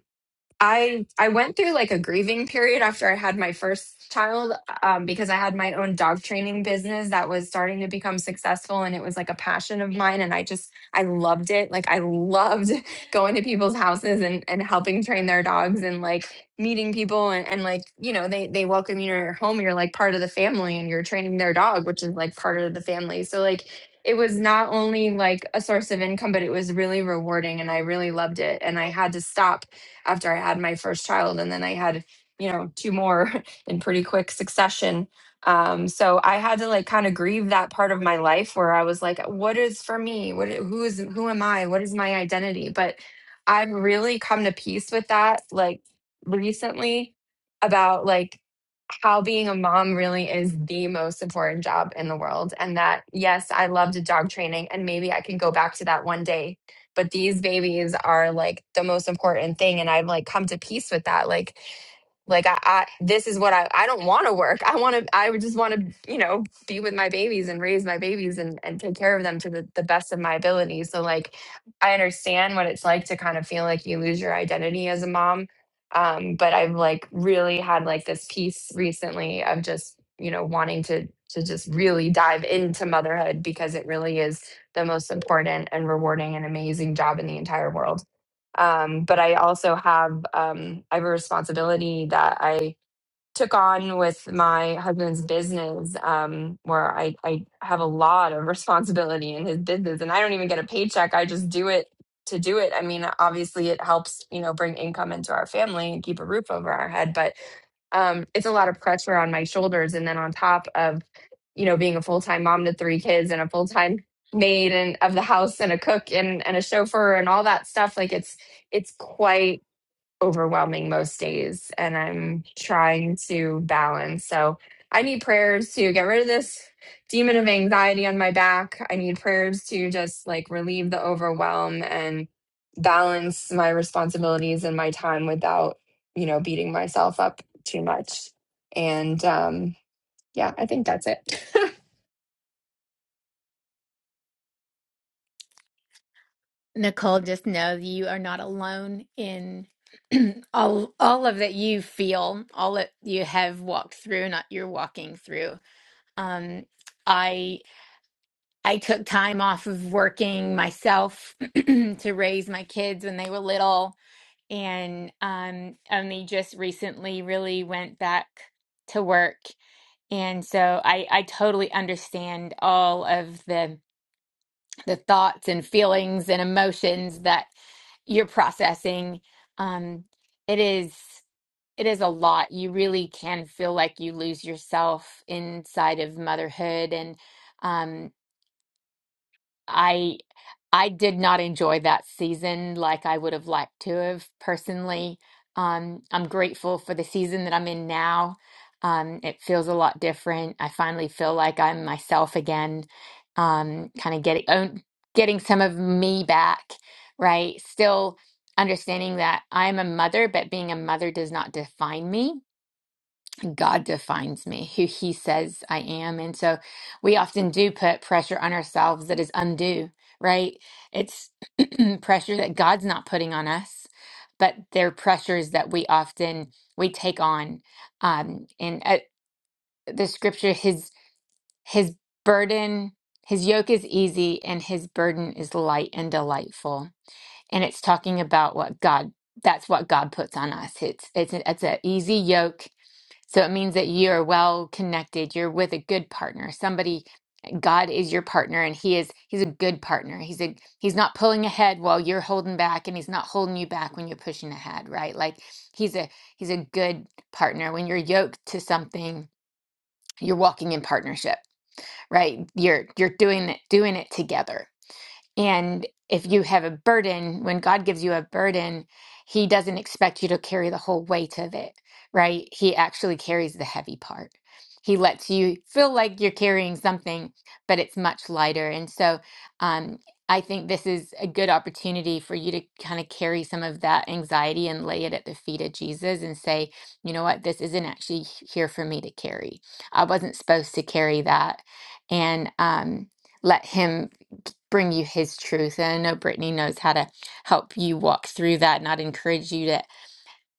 I I went through like a grieving period after I had my first child um, because I had my own dog training business that was starting to become successful and it was like a passion of mine and I just I loved it like I loved going to people's houses and and helping train their dogs and like meeting people and, and like you know they they welcome you to your home you're like part of the family and you're training their dog which is like part of the family so like it was not only like a source of income but it was really rewarding and I really loved it and I had to stop after I had my first child. And then I had, you know, two more in pretty quick succession. Um, so I had to like kind of grieve that part of my life where I was like, what is for me? What, i- who is, who am I? What is my identity? But I've really come to peace with that, like recently about like how being a mom really is the most important job in the world. And that, yes, I loved dog training and maybe I can go back to that one day but these babies are like the most important thing and i've like come to peace with that like like I, I this is what I I don't want to work. I want to I would just want to, you know, be with my babies and raise my babies and and take care of them to the, the best of my ability. So like I understand what it's like to kind of feel like you lose your identity as a mom. Um, but I've like really had like this piece recently of just, you know, wanting to to just really dive into motherhood because it really is the most important and rewarding and amazing job in the entire world. Um, but I also have um, I have a responsibility that I took on with my husband's business, um, where I, I have a lot of responsibility in his business and I don't even get a paycheck. I just do it to do it. I mean, obviously it helps, you know, bring income into our family and keep a roof over our head, but um, it's a lot of pressure on my shoulders. And then on top of, you know, being a full time mom to three kids and a full time maid and of the house and a cook and, and a chauffeur and all that stuff, like it's it's quite overwhelming most days and I'm trying to balance. So I need prayers to get rid of this demon of anxiety on my back. I need prayers to just like relieve the overwhelm and balance my responsibilities and my time without, you know, beating myself up too much. And um yeah, I think that's it. Nicole, just know you are not alone in all all of that you feel, all that you have walked through, not you're walking through. Um, I I took time off of working myself to raise my kids when they were little, and um, only just recently really went back to work. And so I I totally understand all of the the thoughts and feelings and emotions that you're processing um it is it is a lot you really can feel like you lose yourself inside of motherhood and um I I did not enjoy that season like I would have liked to have personally. Um, I'm grateful for the season that I'm in now. Um, it feels a lot different. I finally feel like I'm myself again. Um, kind of getting own, getting some of me back, right? Still understanding that I'm a mother, but being a mother does not define me God defines me, who He says I am. And so we often do put pressure on ourselves that is undue, right? It's pressure that God's not putting on us, but they're pressures that we often we take on. Um, and uh, the scripture, His His burden, His yoke is easy, and His burden is light and delightful. And it's talking about what God. That's what God puts on us. It's it's an, it's an easy yoke so it means that you are well connected. You're with a good partner. Somebody, God is your partner, and He is He's a good partner. He's a He's not pulling ahead while you're holding back, and He's not holding you back when you're pushing ahead, right? Like He's a He's a good partner. When you're yoked to something, you're walking in partnership, right? You're you're doing it doing it together. And if you have a burden, when God gives you a burden, He doesn't expect you to carry the whole weight of it, right? He actually carries the heavy part. He lets you feel like you're carrying something, but it's much lighter. And so um, I think this is a good opportunity for you to kind of carry some of that anxiety and lay it at the feet of Jesus and say, you know what, this isn't actually here for me to carry. I wasn't supposed to carry that. And um, let Him bring you his truth. And I know Brittany knows how to help you walk through that. And I'd encourage you to,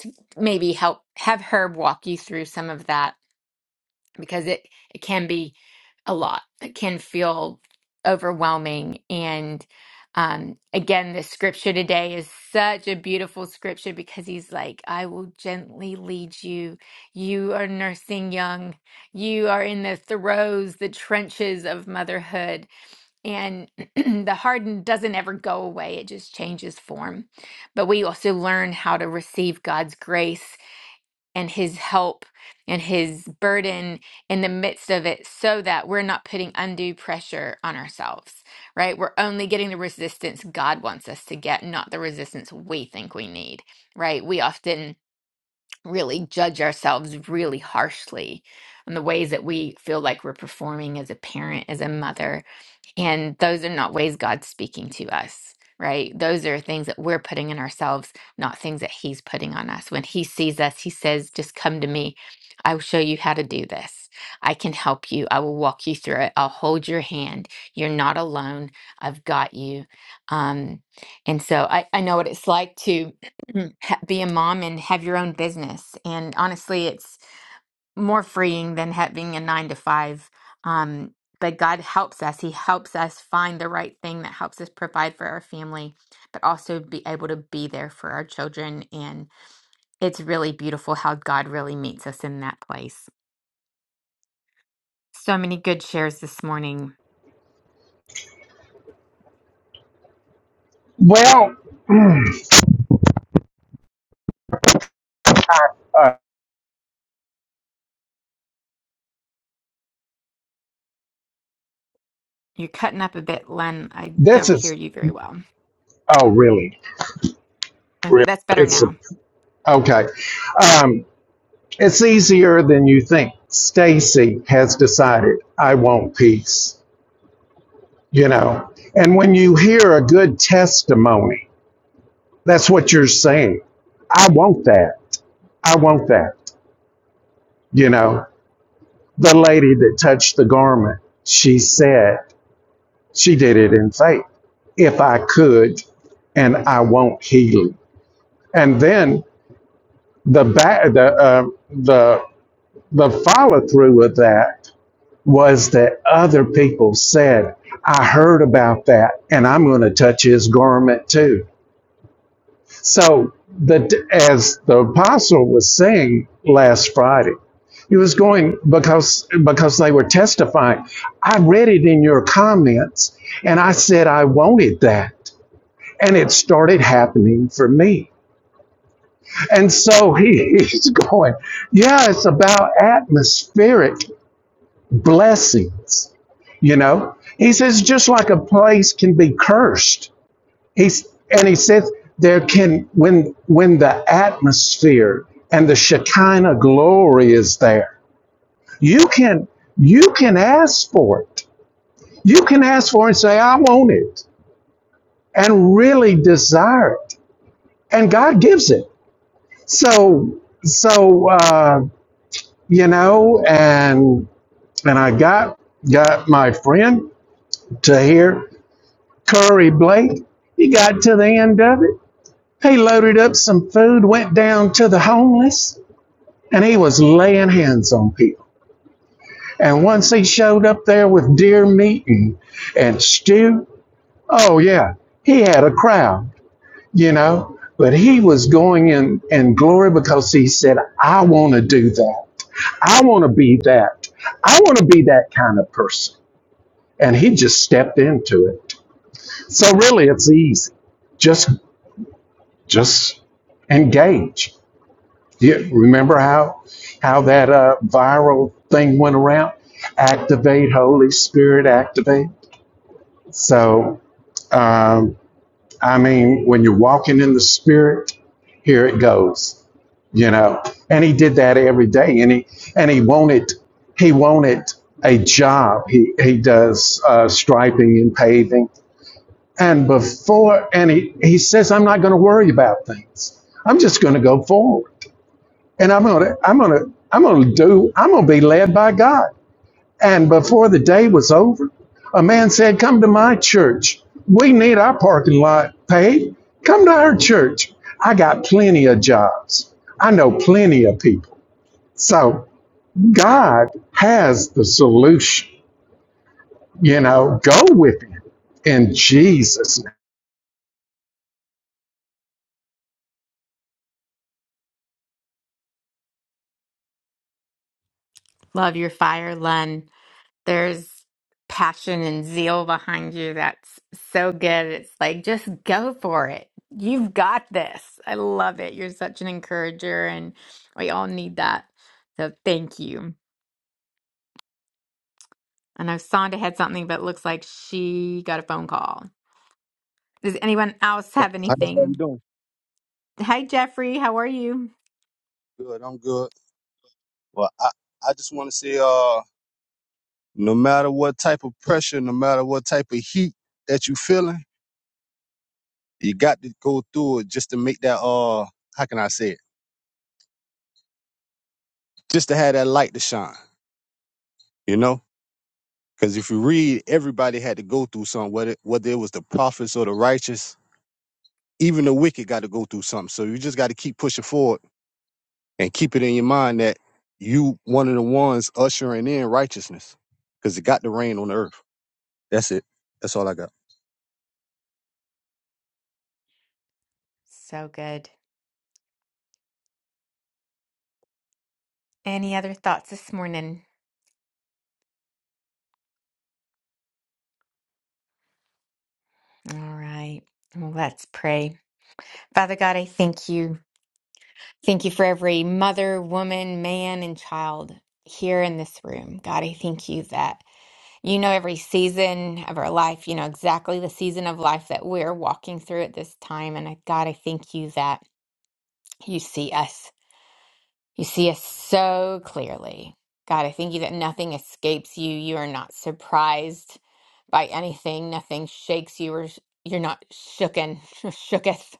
to maybe help have her walk you through some of that because it, it can be a lot. It can feel overwhelming. And um, again, the scripture today is such a beautiful scripture because he's like, I will gently lead you. You are nursing young. You are in the throes, the trenches of motherhood and the harden doesn't ever go away it just changes form but we also learn how to receive god's grace and his help and his burden in the midst of it so that we're not putting undue pressure on ourselves right we're only getting the resistance god wants us to get not the resistance we think we need right we often really judge ourselves really harshly on the ways that we feel like we're performing as a parent as a mother and those are not ways God's speaking to us, right? Those are things that we're putting in ourselves, not things that He's putting on us. When He sees us, He says, Just come to me. I will show you how to do this. I can help you. I will walk you through it. I'll hold your hand. You're not alone. I've got you. Um, and so I, I know what it's like to ha- be a mom and have your own business. And honestly, more freeing than having a nine to five. Um, but God helps us. He helps us find the right thing that helps us provide for our family, but also be able to be there for our children. And it's really beautiful how God really meets us in that place. So many good shares this morning. Well, Uh, You're cutting up a bit, Len. I this don't hear is you very well. oh really Uh, really That's better it's now. okay. Um, it's easier than you think. Stacy has decided I want peace. You know, and when you hear a good testimony, that's what you're saying. I want that. I want that. You know, the lady that touched the garment, she said she did it in faith. If I could, and I want healing. And then the ba- the uh, the The follow through with that was that other people said, I heard about that and I'm going to touch his garment too. So, the, as the apostle was saying last Friday, he was going because because they were testifying. I read it in your comments and I said I wanted that. And it started happening for me. And so he, he's going, yeah, it's about atmospheric. blessings. You know, he says just like a place can be cursed. He's and he says there can when when the atmosphere and the Shekinah glory is there, you can you can ask for it. You can ask for it and say, I want it, and really desire it, and God gives it. So so uh, you know, and and I got got my friend to here Curry Blake. He got to the end of it. He loaded up some food, went down to the homeless, and he was laying hands on people. And once he showed up there with deer meat and, and stew, oh yeah, he had a crowd, you know. But he was going in, in glory because he said, I want to do that. I want to be that. I want to be that kind of person. And he just stepped into it. So really, it's easy. Just just engage. You remember how how that uh, viral thing went around? Activate Holy Spirit, activate. So um, I mean, when you're walking in the Spirit, here it goes. You know, and he did that every day, and he and he wanted he wanted a job. He he does uh, striping and paving, and before and he he says, I'm not going to worry about things. I'm just going to go forward. and I'm gonna, I'm gonna, I'm gonna do, I'm gonna be led by God. And before the day was over, a man said, "Come to my church. We need our parking lot paid. Come to our church. I got plenty of jobs. I know plenty of people. So God has the solution. You know, go with Him in Jesus' name." Love your fire, Len. There's passion and zeal behind you that's so good. It's like, just go for it. You've got this. I love it. You're such an encourager, and we all need that. So thank you. I know Sonda had something, but it looks like she got a phone call. Does anyone else have I know how you anything? doing. Hi, Jeffrey. How are you? Good, I'm good. Well, I, I just want to say, uh, no matter what type of pressure, no matter what type of heat that you feeling, you got to go through it just to make that, uh, how can I say it? Just to have that light to shine, you know? Because if you read, everybody had to go through something, whether, whether it was the prophets or the righteous, even the wicked got to go through something. So you just got to keep pushing forward and keep it in your mind that you one of the ones ushering in righteousness because it got to rain on the earth. That's it. That's all I got. So good. Any other thoughts this morning? All right. Well, let's pray. Father God, I thank you. Thank you for every mother, woman, man, and child here in this room. God, I thank you that you know every season of our life, you know exactly the season of life that we're walking through at this time. And I, God, I thank you that you see us. You see us so clearly. God, I thank you that nothing escapes you. You are not surprised by anything, nothing shakes you, or sh- you're not shooken, shooketh.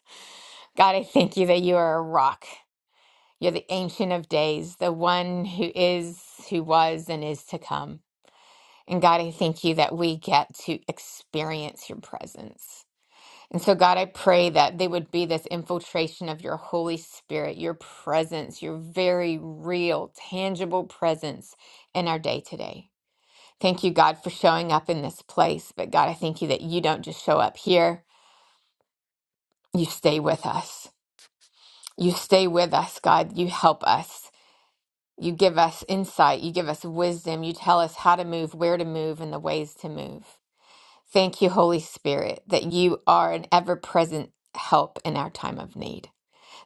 God, I thank you that you are a rock you're the Ancient of Days, the one who is, who was, and is to come. And God, I thank you that we get to experience your presence. And so, God, I pray that there would be this infiltration of your Holy Spirit, your presence, your very real, tangible presence in our day today. Thank you, God, for showing up in this place. But, God, I thank you that you don't just show up here, you stay with us. You stay with us, God. You help us. You give us insight. You give us wisdom. You tell us how to move, where to move, and the ways to move. Thank you, Holy Spirit, that you are an ever present help in our time of need.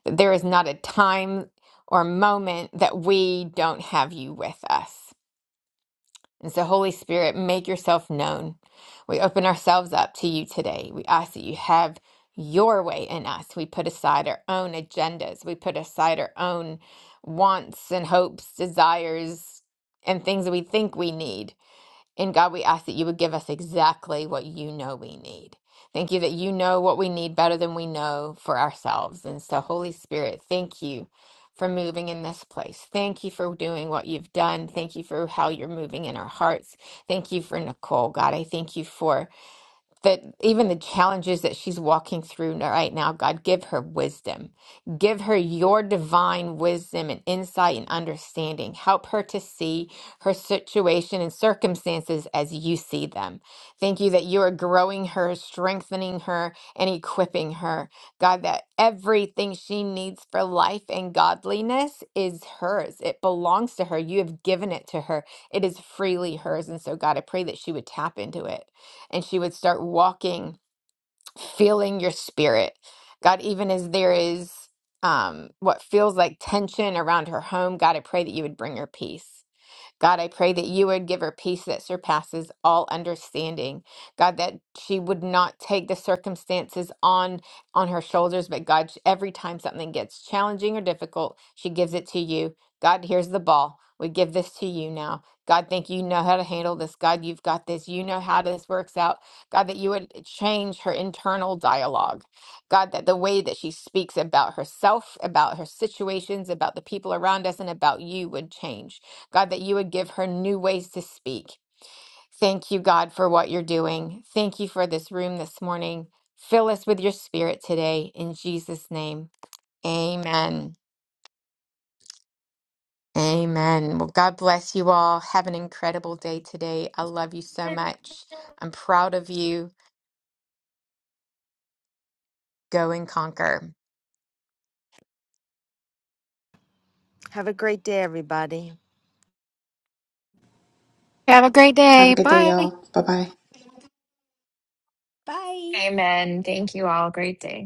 That there is not a time or moment that we don't have you with us. And so, Holy Spirit, make yourself known. We open ourselves up to you today. We ask that you have your way in us. We put aside our own agendas, we put aside our own wants and hopes, desires, and things that we think we need. And God, we ask that you would give us exactly what you know we need. Thank you that you know what we need better than we know for ourselves. And so, Holy Spirit, thank you for moving in this place. Thank you for doing what you've done. Thank you for how you're moving in our hearts. Thank you for Nicole, God. I thank you for that even the challenges that she's walking through n- right now, God, give her wisdom. Give her your divine wisdom and insight and understanding. Help her to see her situation and circumstances as you see them. Thank you that you are growing her, strengthening her, and equipping her. God, that everything she needs for life and godliness is hers. It belongs to her. You have given it to her, it is freely hers. And so, God, I pray that she would tap into it and she would start walking, feeling your spirit. God, even as there is um, what feels like tension around her home, God, I pray that you would bring her peace. God, I pray that you would give her peace that surpasses all understanding. God, that she would not take the circumstances on on her shoulders, but God, every time something gets challenging or difficult, she gives it to you. God, here's the ball. We give this to you now. God, thank you you know how to handle this. God, you've got this. You know how this works out. God, that you would change her internal dialogue. God, that the way that she speaks about herself, about her situations, about the people around us, and about you would change. God, that you would give her new ways to speak. Thank you, God, for what you're doing. Thank you for this room this morning. Fill us with your spirit today in Jesus' name. Amen. Amen. Well, God bless you all. Have an incredible day today. I love you so much. I'm proud of you. Go and conquer. Have a great day everybody. Have a great day. Bye. Bye. Amen. Thank you all. Great day.